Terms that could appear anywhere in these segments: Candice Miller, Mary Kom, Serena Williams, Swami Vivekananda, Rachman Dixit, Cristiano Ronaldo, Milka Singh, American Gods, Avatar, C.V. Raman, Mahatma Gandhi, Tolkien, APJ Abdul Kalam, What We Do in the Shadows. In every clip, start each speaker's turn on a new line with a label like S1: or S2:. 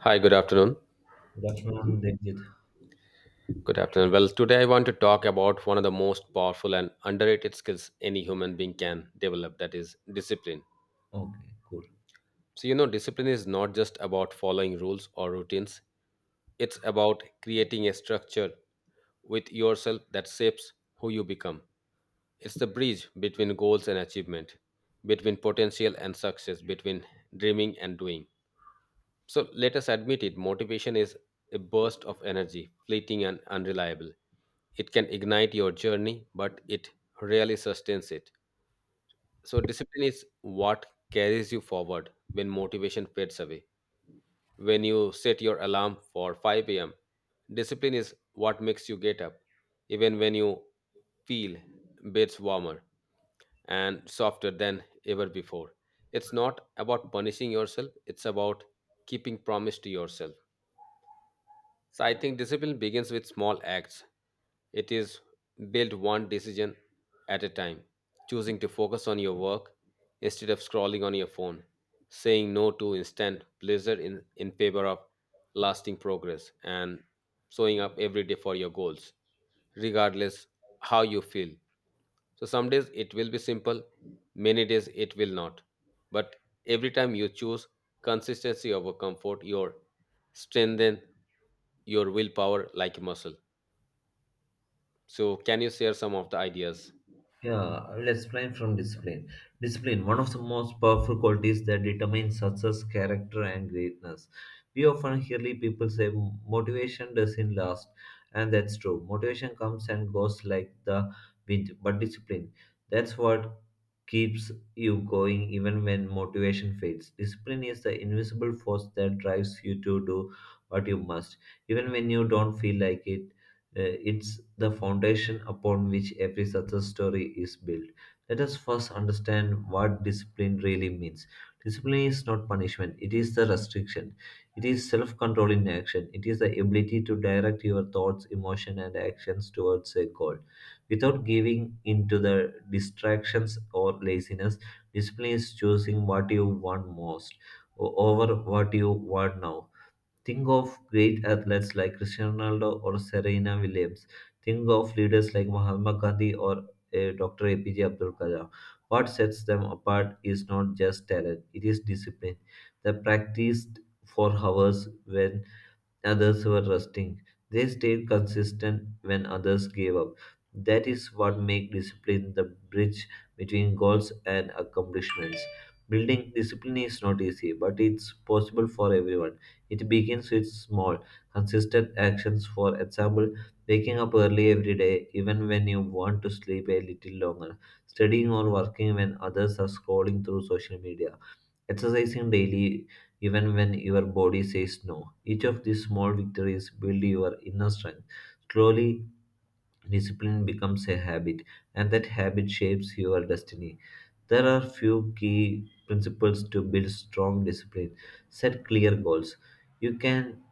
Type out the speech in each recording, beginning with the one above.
S1: Hi, good afternoon.
S2: Rachman Dixit.
S1: Good afternoon. Well, today I want to talk about one of the most powerful and underrated skills any human being can develop that is discipline.
S2: Okay, cool.
S1: So, discipline is not just about following rules or routines, it's about creating a structure with yourself that shapes who you become. It's the bridge between goals and achievement, between potential and success, between dreaming and doing. So let us admit it motivation is a burst of energy, fleeting and unreliable. It can ignite your journey, but it rarely sustains it. So, discipline is what carries you forward when motivation fades away. When you set your alarm for 5 a.m., discipline is what makes you get up, even when you feel bits warmer and softer than ever before. It's not about punishing yourself, it's about keeping promise to yourself. So I think discipline begins with small acts. It is built one decision at a time, choosing to focus on your work instead of scrolling on your phone, saying no to instant pleasure in favor of lasting progress, and showing up every day for your goals, regardless how you feel. So some days it will be simple, many days it will not. But every time you choose consistency over comfort, you strengthen your willpower like a muscle. So can you share some of the ideas?
S2: Yeah, let's plan from discipline. Discipline, one of the most powerful qualities that determines success, character, and greatness. We often hear people say motivation doesn't last, and that's true. Motivation comes and goes like the wind, but discipline, that's what keeps you going even when motivation fades. Discipline is the invisible force that drives you to do what you must, even when you don't feel like it. It's the foundation upon which every success story is built. Let us first understand what discipline really means. Discipline is not punishment, it is the restriction. It is self control in action. It is the ability to direct your thoughts, emotion, and actions towards a goal. Without giving in to the distractions or laziness, discipline is choosing what you want most over what you want now. Think of great athletes like Cristiano Ronaldo or Serena Williams. Think of leaders like Mahatma Gandhi or Dr. APJ Abdul Kalam. What sets them apart is not just talent, it is discipline. They practiced for hours when others were resting. They stayed consistent when others gave up. That is what makes discipline the bridge between goals and accomplishments. Building discipline is not easy, but it's possible for everyone. It begins with small, consistent actions. For example, waking up early every day, even when you want to sleep a little longer, studying or working when others are scrolling through social media. Exercising daily, even when your body says no. Each of these small victories build your inner strength. Slowly, discipline becomes a habit, and that habit shapes your destiny. There are few key principles to build strong discipline. Set clear goals. You can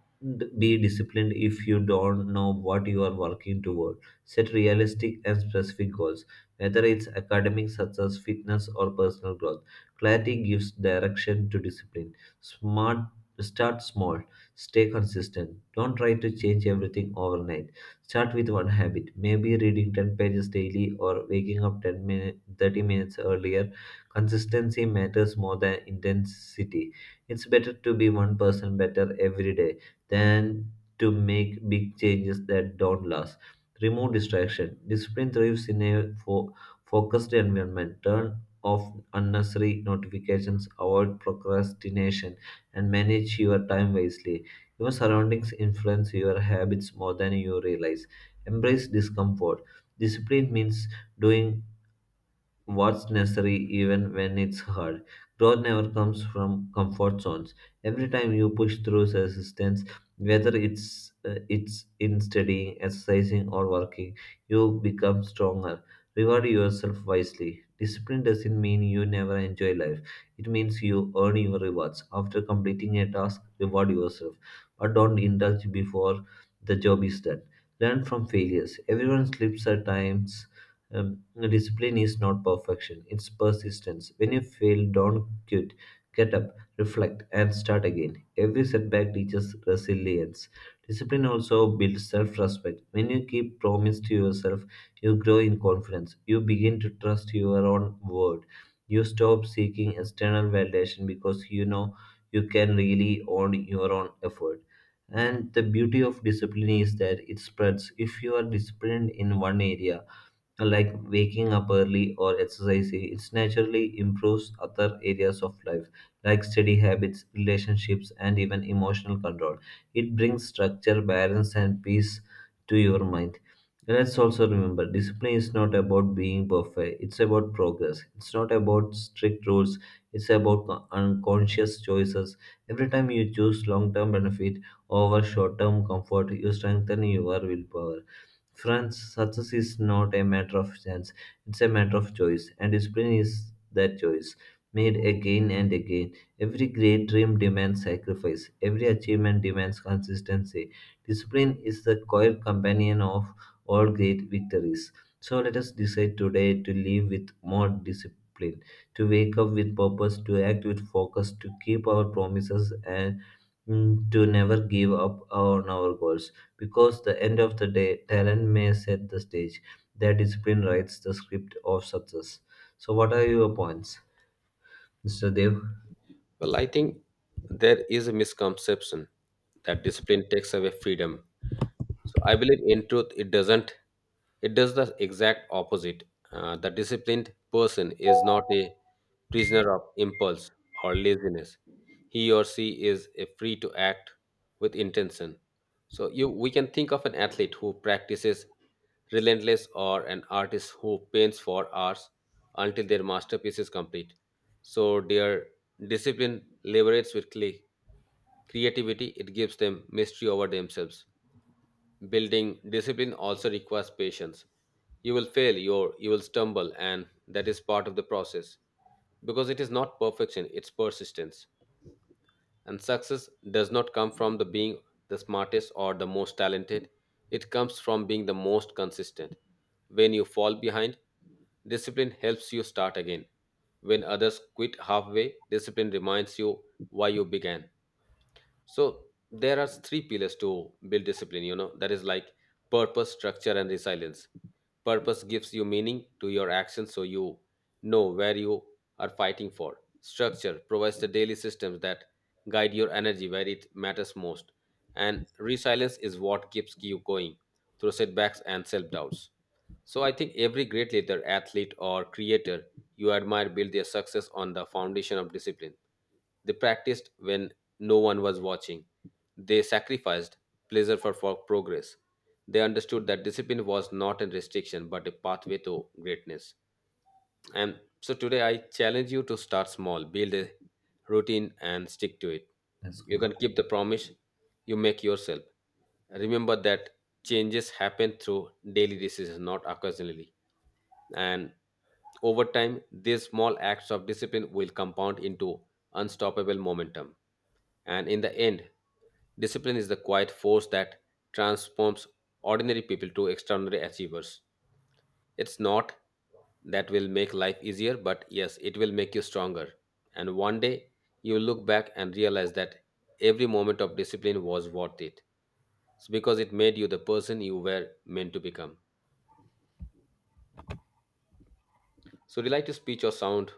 S2: be disciplined if you don't know what you are working toward. Set realistic and specific goals, whether it's academic success, fitness, or personal growth. Clarity gives direction to discipline. Smart, start small, stay consistent. Don't try to change everything overnight. Start with one habit, maybe reading 10 pages daily or waking up 10 minutes, 30 minutes earlier. Consistency matters more than intensity. It's better to be one person better every day than to make big changes that don't last. Remove distraction. Discipline thrives in a focused environment. Turn off unnecessary notifications, avoid procrastination, and manage your time wisely. Your surroundings influence your habits more than you realize. Embrace discomfort. Discipline means doing what's necessary even when it's hard. Growth never comes from comfort zones. Every time you push through resistance, whether it's in studying, exercising, or working, you become stronger. Reward yourself wisely. Discipline doesn't mean you never enjoy life. It means you earn your rewards. After completing a task, reward yourself, but don't indulge before the job is done. Learn from failures. Everyone slips at times, um, Discipline is not perfection, it's persistence. When you fail, don't quit. Get up, reflect, and start again. Every setback teaches resilience. Discipline also builds self respect. When you keep promise to yourself, you grow in confidence. You begin to trust your own word. You stop seeking external validation because you know you can really own your own effort. And the beauty of discipline is that it spreads. If you are disciplined in one area, like waking up early or exercising, it naturally improves other areas of life, like study habits, relationships, and even emotional control. It brings structure, balance, and peace to your mind. Let's also remember discipline is not about being perfect, it's about progress. It's not about strict rules, it's about unconscious choices. Every time you choose long term benefit over short term comfort, you strengthen your willpower. France, success is not a matter of chance, it's a matter of choice, and discipline is that choice, made again and again. Every great dream demands sacrifice, every achievement demands consistency. Discipline is the quiet companion of all great victories. So let us decide today to live with more discipline, to wake up with purpose, to act with focus, to keep our promises, and to never give up on our goals. Because the end of the day, talent may set the stage. Their discipline writes the script of success. So what are your points, Mr. Dev?
S1: Well, I think there is a misconception that discipline takes away freedom, so I believe in truth, it doesn't. It does the exact opposite. The disciplined person is not a prisoner of impulse or laziness. He or she is free to act with intention. So we can think of an athlete who practices relentless or an artist who paints for hours until their masterpiece is complete. So their discipline liberates with creativity. It gives them mystery over themselves. Building discipline also requires patience. You will fail, you will stumble, and that is part of the process. Because it is not perfection, it's persistence. And success does not come from the being the smartest or the most talented. It comes from being the most consistent. When you fall behind, discipline helps you start again. When others quit halfway, discipline reminds you why you began. So there are three pillars to build discipline, that is like purpose, structure, and resilience. Purpose gives you meaning to your actions so you know where you are fighting for. Structure provides the daily systems that guide your energy where it matters most. And resilience is what keeps you going through setbacks and self doubts. So I think every great leader, athlete, or creator you admire build their success on the foundation of discipline. They practiced when no one was watching. They sacrificed pleasure for progress. They understood that discipline was not a restriction but a pathway to greatness. And so today I challenge you to start small, build a routine, and stick to it.
S2: That's
S1: You
S2: cool.
S1: can keep the promise you make yourself. Remember that changes happen through daily decisions, not occasionally. And over time, these small acts of discipline will compound into unstoppable momentum. And in the end, discipline is the quiet force that transforms ordinary people to extraordinary achievers. It's not that will make life easier, but yes, it will make you stronger. And one day you look back and realize that every moment of discipline was worth it. It's because it made you the person you were meant to become. So, would you like to speak or sound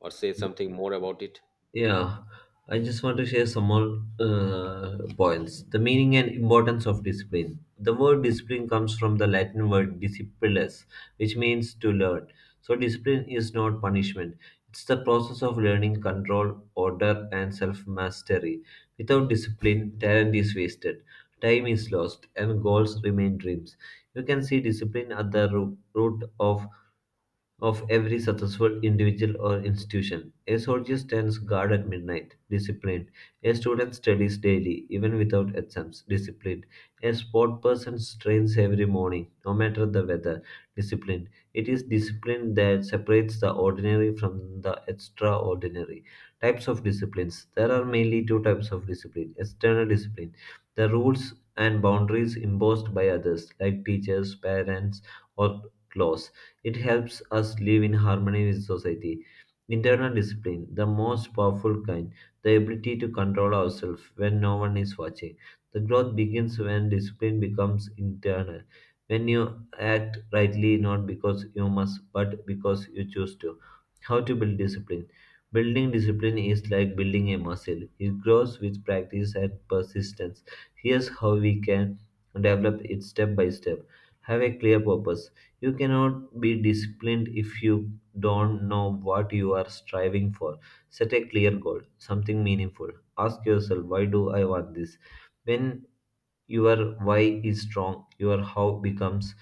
S1: or say something more about it?
S2: Yeah, I just want to share some more points. The meaning and importance of discipline. The word discipline comes from the Latin word discipulus, which means to learn. So, discipline is not punishment, it's the process of learning control, order, and self mastery. Without discipline, talent is wasted, time is lost, and goals remain dreams. You can see discipline at the root of every successful individual or institution. A soldier stands guard at midnight, disciplined. A student studies daily, even without exams, disciplined. A sport person trains every morning, no matter the weather, disciplined. It is discipline that separates the ordinary from the extraordinary. Types of disciplines. There are mainly two types of discipline: external discipline, the rules and boundaries imposed by others, like teachers, parents, or laws. It helps us live in harmony with society. Internal discipline, the most powerful kind, the ability to control ourselves when no one is watching. The growth begins when discipline becomes internal. When you act rightly, not because you must, but because you choose to. How to build discipline? Building discipline is like building a muscle. It grows with practice and persistence. Here's how we can develop it step by step. Have a clear purpose. You cannot be disciplined if you don't know what you are striving for. Set a clear goal, something meaningful. Ask yourself, why do I want this? When your why is strong, your how becomes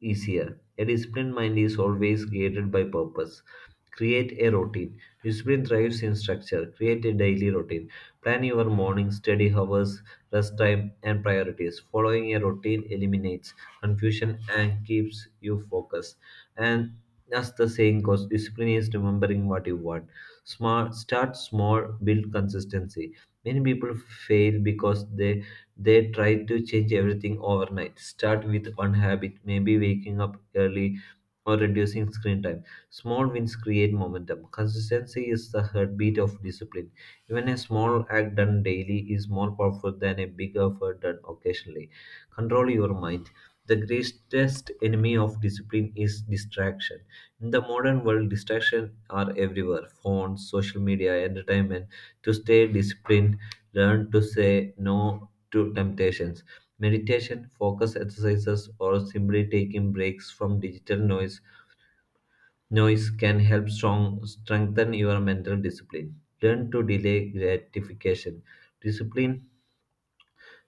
S2: easier. A disciplined mind is always guided by purpose. Create a routine. Discipline thrives in structure. Create a daily routine. Plan your morning, study hours, rest time, and priorities. Following a routine eliminates confusion and keeps you focused. And as the saying goes, discipline is remembering what you want. Smart, start small, build consistency. Many people fail because they try to change everything overnight. Start with one habit, maybe waking up early or reducing screen time. Small wins create momentum. Consistency is the heartbeat of discipline. Even a small act done daily is more powerful than a big effort done occasionally. Control your mind. The greatest enemy of discipline is distraction. In the modern world, distractions are everywhere: phones, social media, entertainment. To stay disciplined, learn to say no to temptations. Meditation, focus exercises, or simply taking breaks from digital noise can help strengthen your mental discipline. Learn to delay gratification. Discipline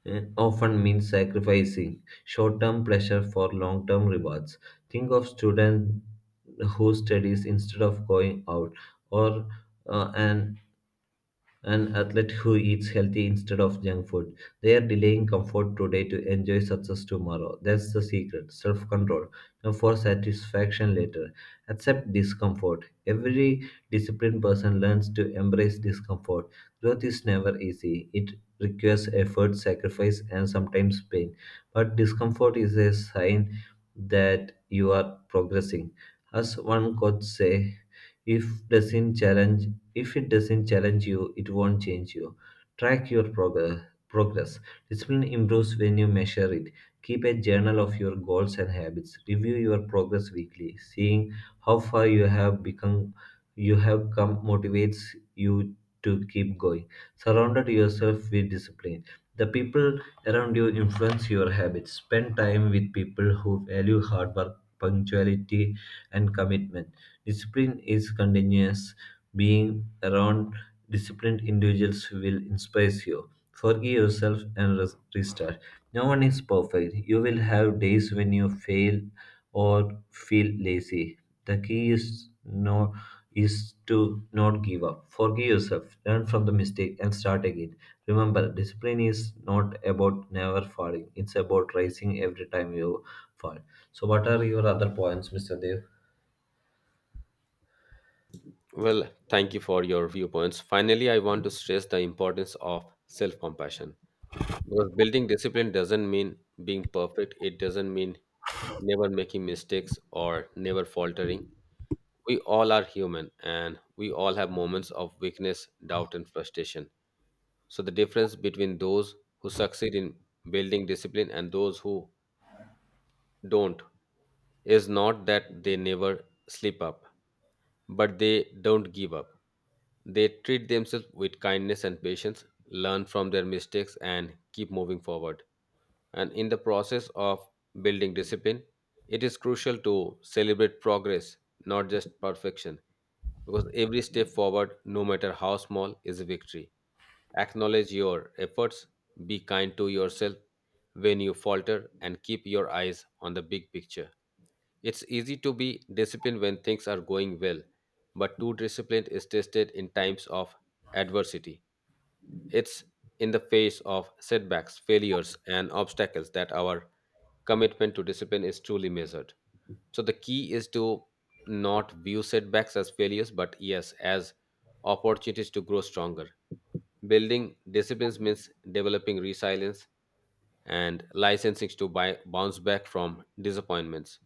S2: often means sacrificing short term pleasure for long term rewards. Think of student who studies instead of going out, or uh, an an athlete who eats healthy instead of junk food. They are delaying comfort today to enjoy success tomorrow. That's the secret. Self control. And for satisfaction later. Accept discomfort. Every disciplined person learns to embrace discomfort. Growth is never easy. It requires effort, sacrifice, and sometimes pain. But discomfort is a sign that you are progressing. As one coach say, if doesn't challenge if it doesn't challenge you, it won't change you. Track your progress. Discipline improves when you measure it. Keep a journal of your goals and habits. Review your progress weekly. Seeing how far you have become, you have come motivates you to keep going. Surrounded yourself with discipline. The people around you influence your habits. Spend time with people who value hard work, punctuality, and commitment. Discipline is continuous. Being around disciplined individuals will inspire you. Forgive yourself and restart. No one is perfect. You will have days when you fail or feel lazy. The key is no is to not give up. Forgive yourself, learn from the mistake and start again. Remember, discipline is not about never falling. It's about rising every time you fall. So what are your other points, Mr. Dev?
S1: Well, thank you for your viewpoints. Finally, I want to stress the importance of self compassion. Because building discipline doesn't mean being perfect. It doesn't mean never making mistakes or never faltering. We all are human and we all have moments of weakness, doubt, and frustration. So, the difference between those who succeed in building discipline and those who don't is not that they never slip up, but they don't give up. They treat themselves with kindness and patience, learn from their mistakes, and keep moving forward. And in the process of building discipline, it is crucial to celebrate progress, not just perfection, because every step forward, no matter how small, is a victory. Acknowledge your efforts, be kind to yourself when you falter, and keep your eyes on the big picture. It's easy to be disciplined when things are going well, but true discipline is tested in times of adversity. It's in the face of setbacks, failures, and obstacles that our commitment to discipline is truly measured. So the key is to not view setbacks as failures, but yes, as opportunities to grow stronger. Building disciplines means developing resilience and licensing to buy, bounce back from disappointments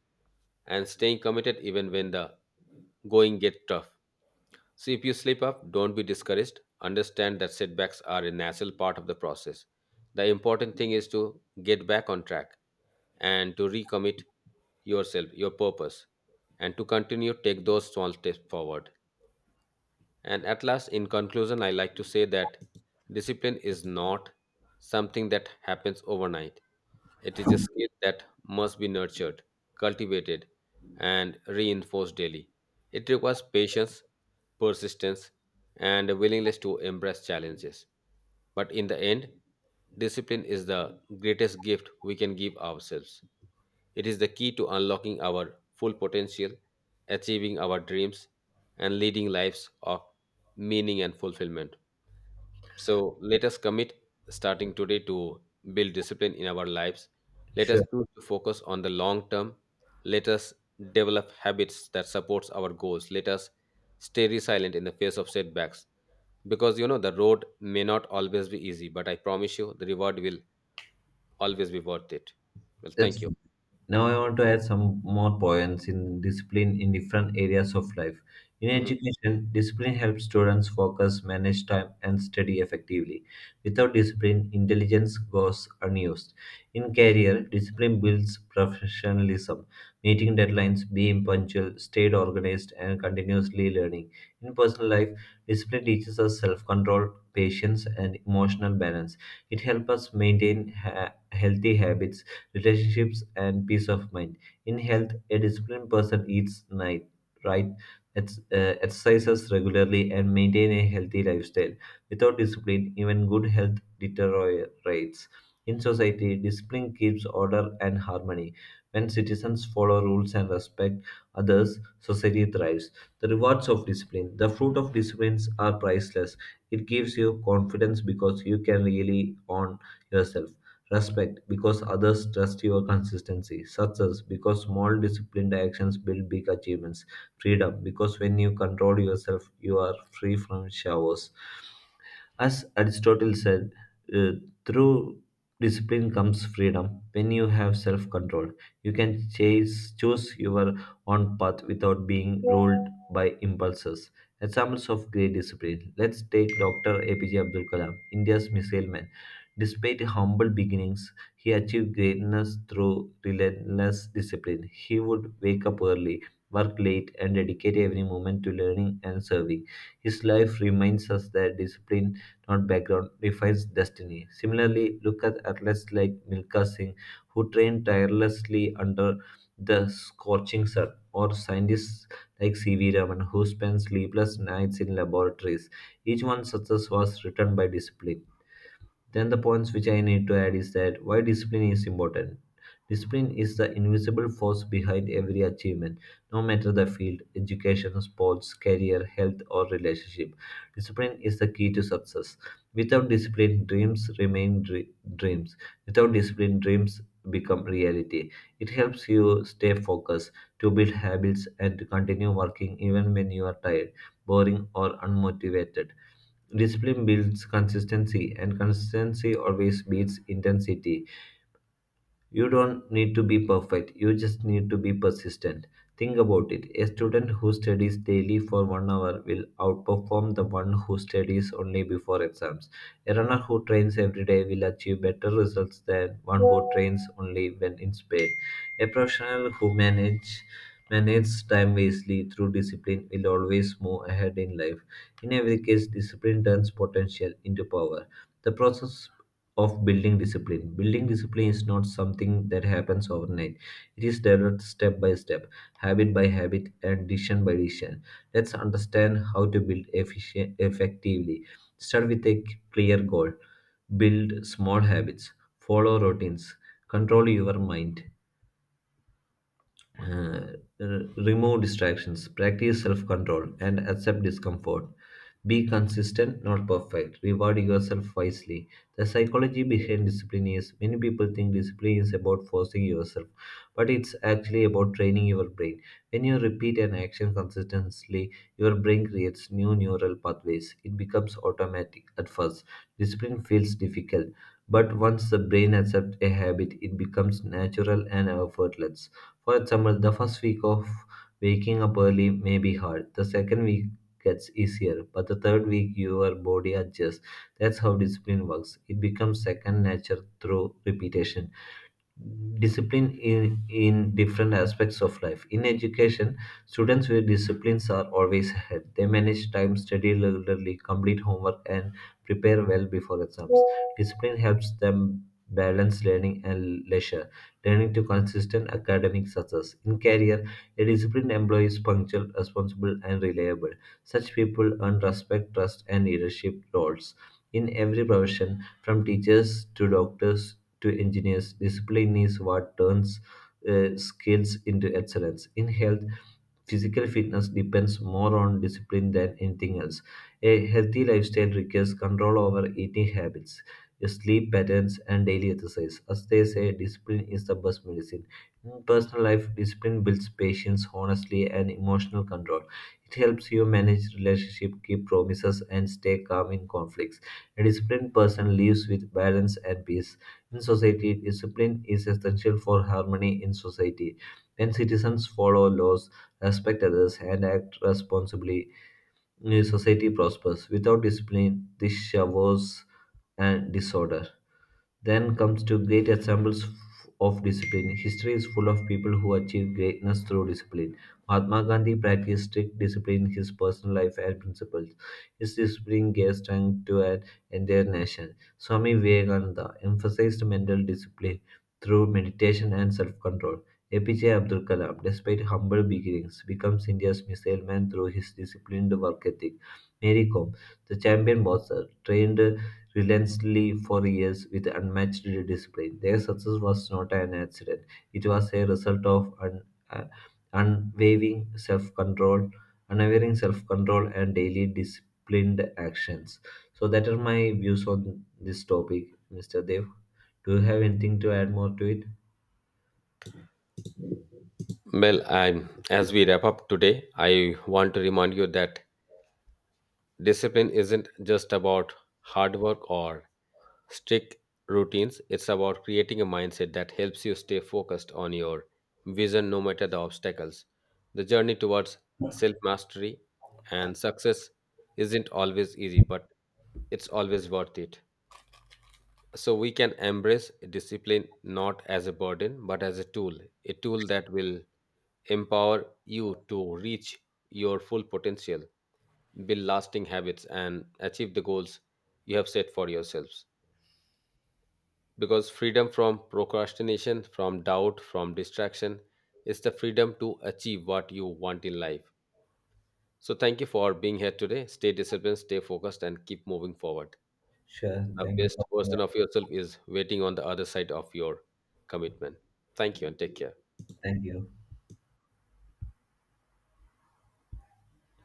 S1: and staying committed even when the going get tough. So if you slip up, don't be discouraged. Understand that setbacks are a natural part of the process. The important thing is to get back on track and to recommit yourself, your purpose, and to continue take those small steps forward. And at last, in conclusion, I like to say that discipline is not something that happens overnight. It is a skill that must be nurtured, cultivated, and reinforced daily. It requires patience, persistence, and a willingness to embrace challenges. But in the end, discipline is the greatest gift we can give ourselves. It is the key to unlocking our full potential, achieving our dreams, and leading lives of meaning and fulfillment. So let us commit starting today to build discipline in our lives. Let us
S2: Sure.
S1: choose to focus on the long term. Let us develop habits that supports our goals. Let us stay resilient in the face of setbacks because the road may not always be easy, but I promise you the reward will always be worth it. Well, thank
S2: That's,
S1: you.
S2: now I want to add some more points in discipline in different areas of life. In
S1: Mhm.
S2: education, discipline helps students focus, manage time, and study effectively. Without discipline, intelligence goes unused. In career, discipline builds professionalism, meeting deadlines, being punctual, stayed organized, and continuously learning. In personal life, discipline teaches us self-control, patience, and emotional balance. It helps us maintain healthy habits, relationships, and peace of mind. In health, a disciplined person eats right, exercises regularly, and maintain a healthy lifestyle. Without discipline, even good health deteriorates. In society, discipline keeps order and harmony. When citizens follow rules and respect others, society thrives. The rewards of discipline. The fruit of disciplines are priceless. It gives you confidence because you can really own yourself. Respect because others trust your consistency. Success because small disciplined actions build big achievements. Freedom because when you control yourself, you are free from showers. As Aristotle said, uh, through discipline comes freedom. When you have self control, you can choose your own path without being ruled by impulses. Examples of great discipline. Let's take Dr. APJ Abdul Kalam, India's missile man. Despite humble beginnings, he achieved greatness through relentless discipline. He would wake up early, work late, and dedicate every moment to learning and serving. His life reminds us that discipline, not background, defines destiny. Similarly, look at athletes like Milka Singh, who train tirelessly under the scorching sun, or scientists like C.V. Raman, who spend sleepless nights in laboratories. Each one's success was written by discipline. Then the points which I need to add is that why discipline is important. Discipline is the invisible force behind every achievement, no matter the field, education, sports, career, health, or relationship. Discipline is the key to success. Without discipline, dreams. Without discipline, dreams become reality. It helps you stay focused, to build habits, and to continue working even when you are tired, boring, or unmotivated. Discipline builds consistency, and consistency always beats intensity. You don't need to be perfect, you just need to be persistent. Think about it: a student who studies daily for 1 hour will outperform the one who studies only before exams. A runner who trains every day will achieve better results than one who trains only when in pain. A professional who manages time wisely through discipline will always move ahead in life. In every case, discipline turns potential into power. The process of building discipline. Building discipline is not something that happens overnight. It is developed step by step, habit by habit, and decision by decision. Let's understand how to build efficient, effectively. Start with a clear goal. Build small habits. Follow routines. Control your mind. Uh, r- Remove distractions, practice self control, and accept discomfort. Be consistent, not perfect. Reward yourself wisely. The psychology behind discipline is many people think discipline is about forcing yourself, but it's actually about training your brain. When you repeat an action consistently, your brain creates new neural pathways. It becomes automatic at first. Discipline feels difficult, but once the brain accepts a habit, it becomes natural and effortless. For example, the first week of waking up early may be hard. The second week gets easier, but the third week your body adjusts. That's how discipline works. It becomes second nature through repetition discipline in different aspects of life. In education, students with disciplines are always ahead. They manage time, study regularly, complete homework, and prepare well before exams. Discipline helps them balance learning and leisure, learning to consistent academic success. In career, a disciplined employee is punctual, responsible, and reliable. Such people earn respect, trust, and leadership roles. In every profession, from teachers to doctors to engineers. Discipline is what turns skills into excellence. In health, physical fitness depends more on discipline than anything else. A healthy lifestyle requires control over eating habits, sleep patterns, and daily exercise. As they say, discipline is the best medicine. In personal life, discipline builds patience, honesty, and emotional control. It helps you manage relationship, keep promises, and stay calm in conflicts. A disciplined person lives with balance and peace. In society, discipline is essential for harmony in society. When citizens follow laws, respect others, and act responsibly, a society prospers. Without discipline, this showers and disorder. Then comes to great examples of discipline. History is full of people who achieved greatness through discipline. Mahatma Gandhi practiced strict discipline in his personal life and principles. His discipline gave strength to an entire nation. Swami Vivekananda emphasized mental discipline through meditation and self control. APJ Abdul Kalam, despite humble beginnings, becomes India's missile man through his disciplined work ethic. Mary Kom, the champion boxer, trained relentlessly for years with unmatched discipline. Their success was not an accident, it was a result of uh, unwavering unwavering self control, and daily disciplined actions. So, that are my views on this topic, Mr. Dev. Do you have anything to add more to it?
S1: Well, as we wrap up today, I want to remind you that discipline isn't just about hard work or strict routines, it's about creating a mindset that helps you stay focused on your vision no matter the obstacles. The journey towards self mastery and success isn't always easy, but it's always worth it. So we can embrace discipline not as a burden, but as a tool that will empower you to reach your full potential build lasting habits, and achieve the goals you have set for yourselves. Because freedom from procrastination, from doubt, from distraction is the freedom to achieve what you want in life. So, thank you for being here today. Stay disciplined, stay focused, and keep moving forward.
S2: Sure.
S1: The
S2: Thank you
S1: best
S2: so much.
S1: version of yourself is waiting on the other side of your commitment. Thank you and take care.
S2: Thank you.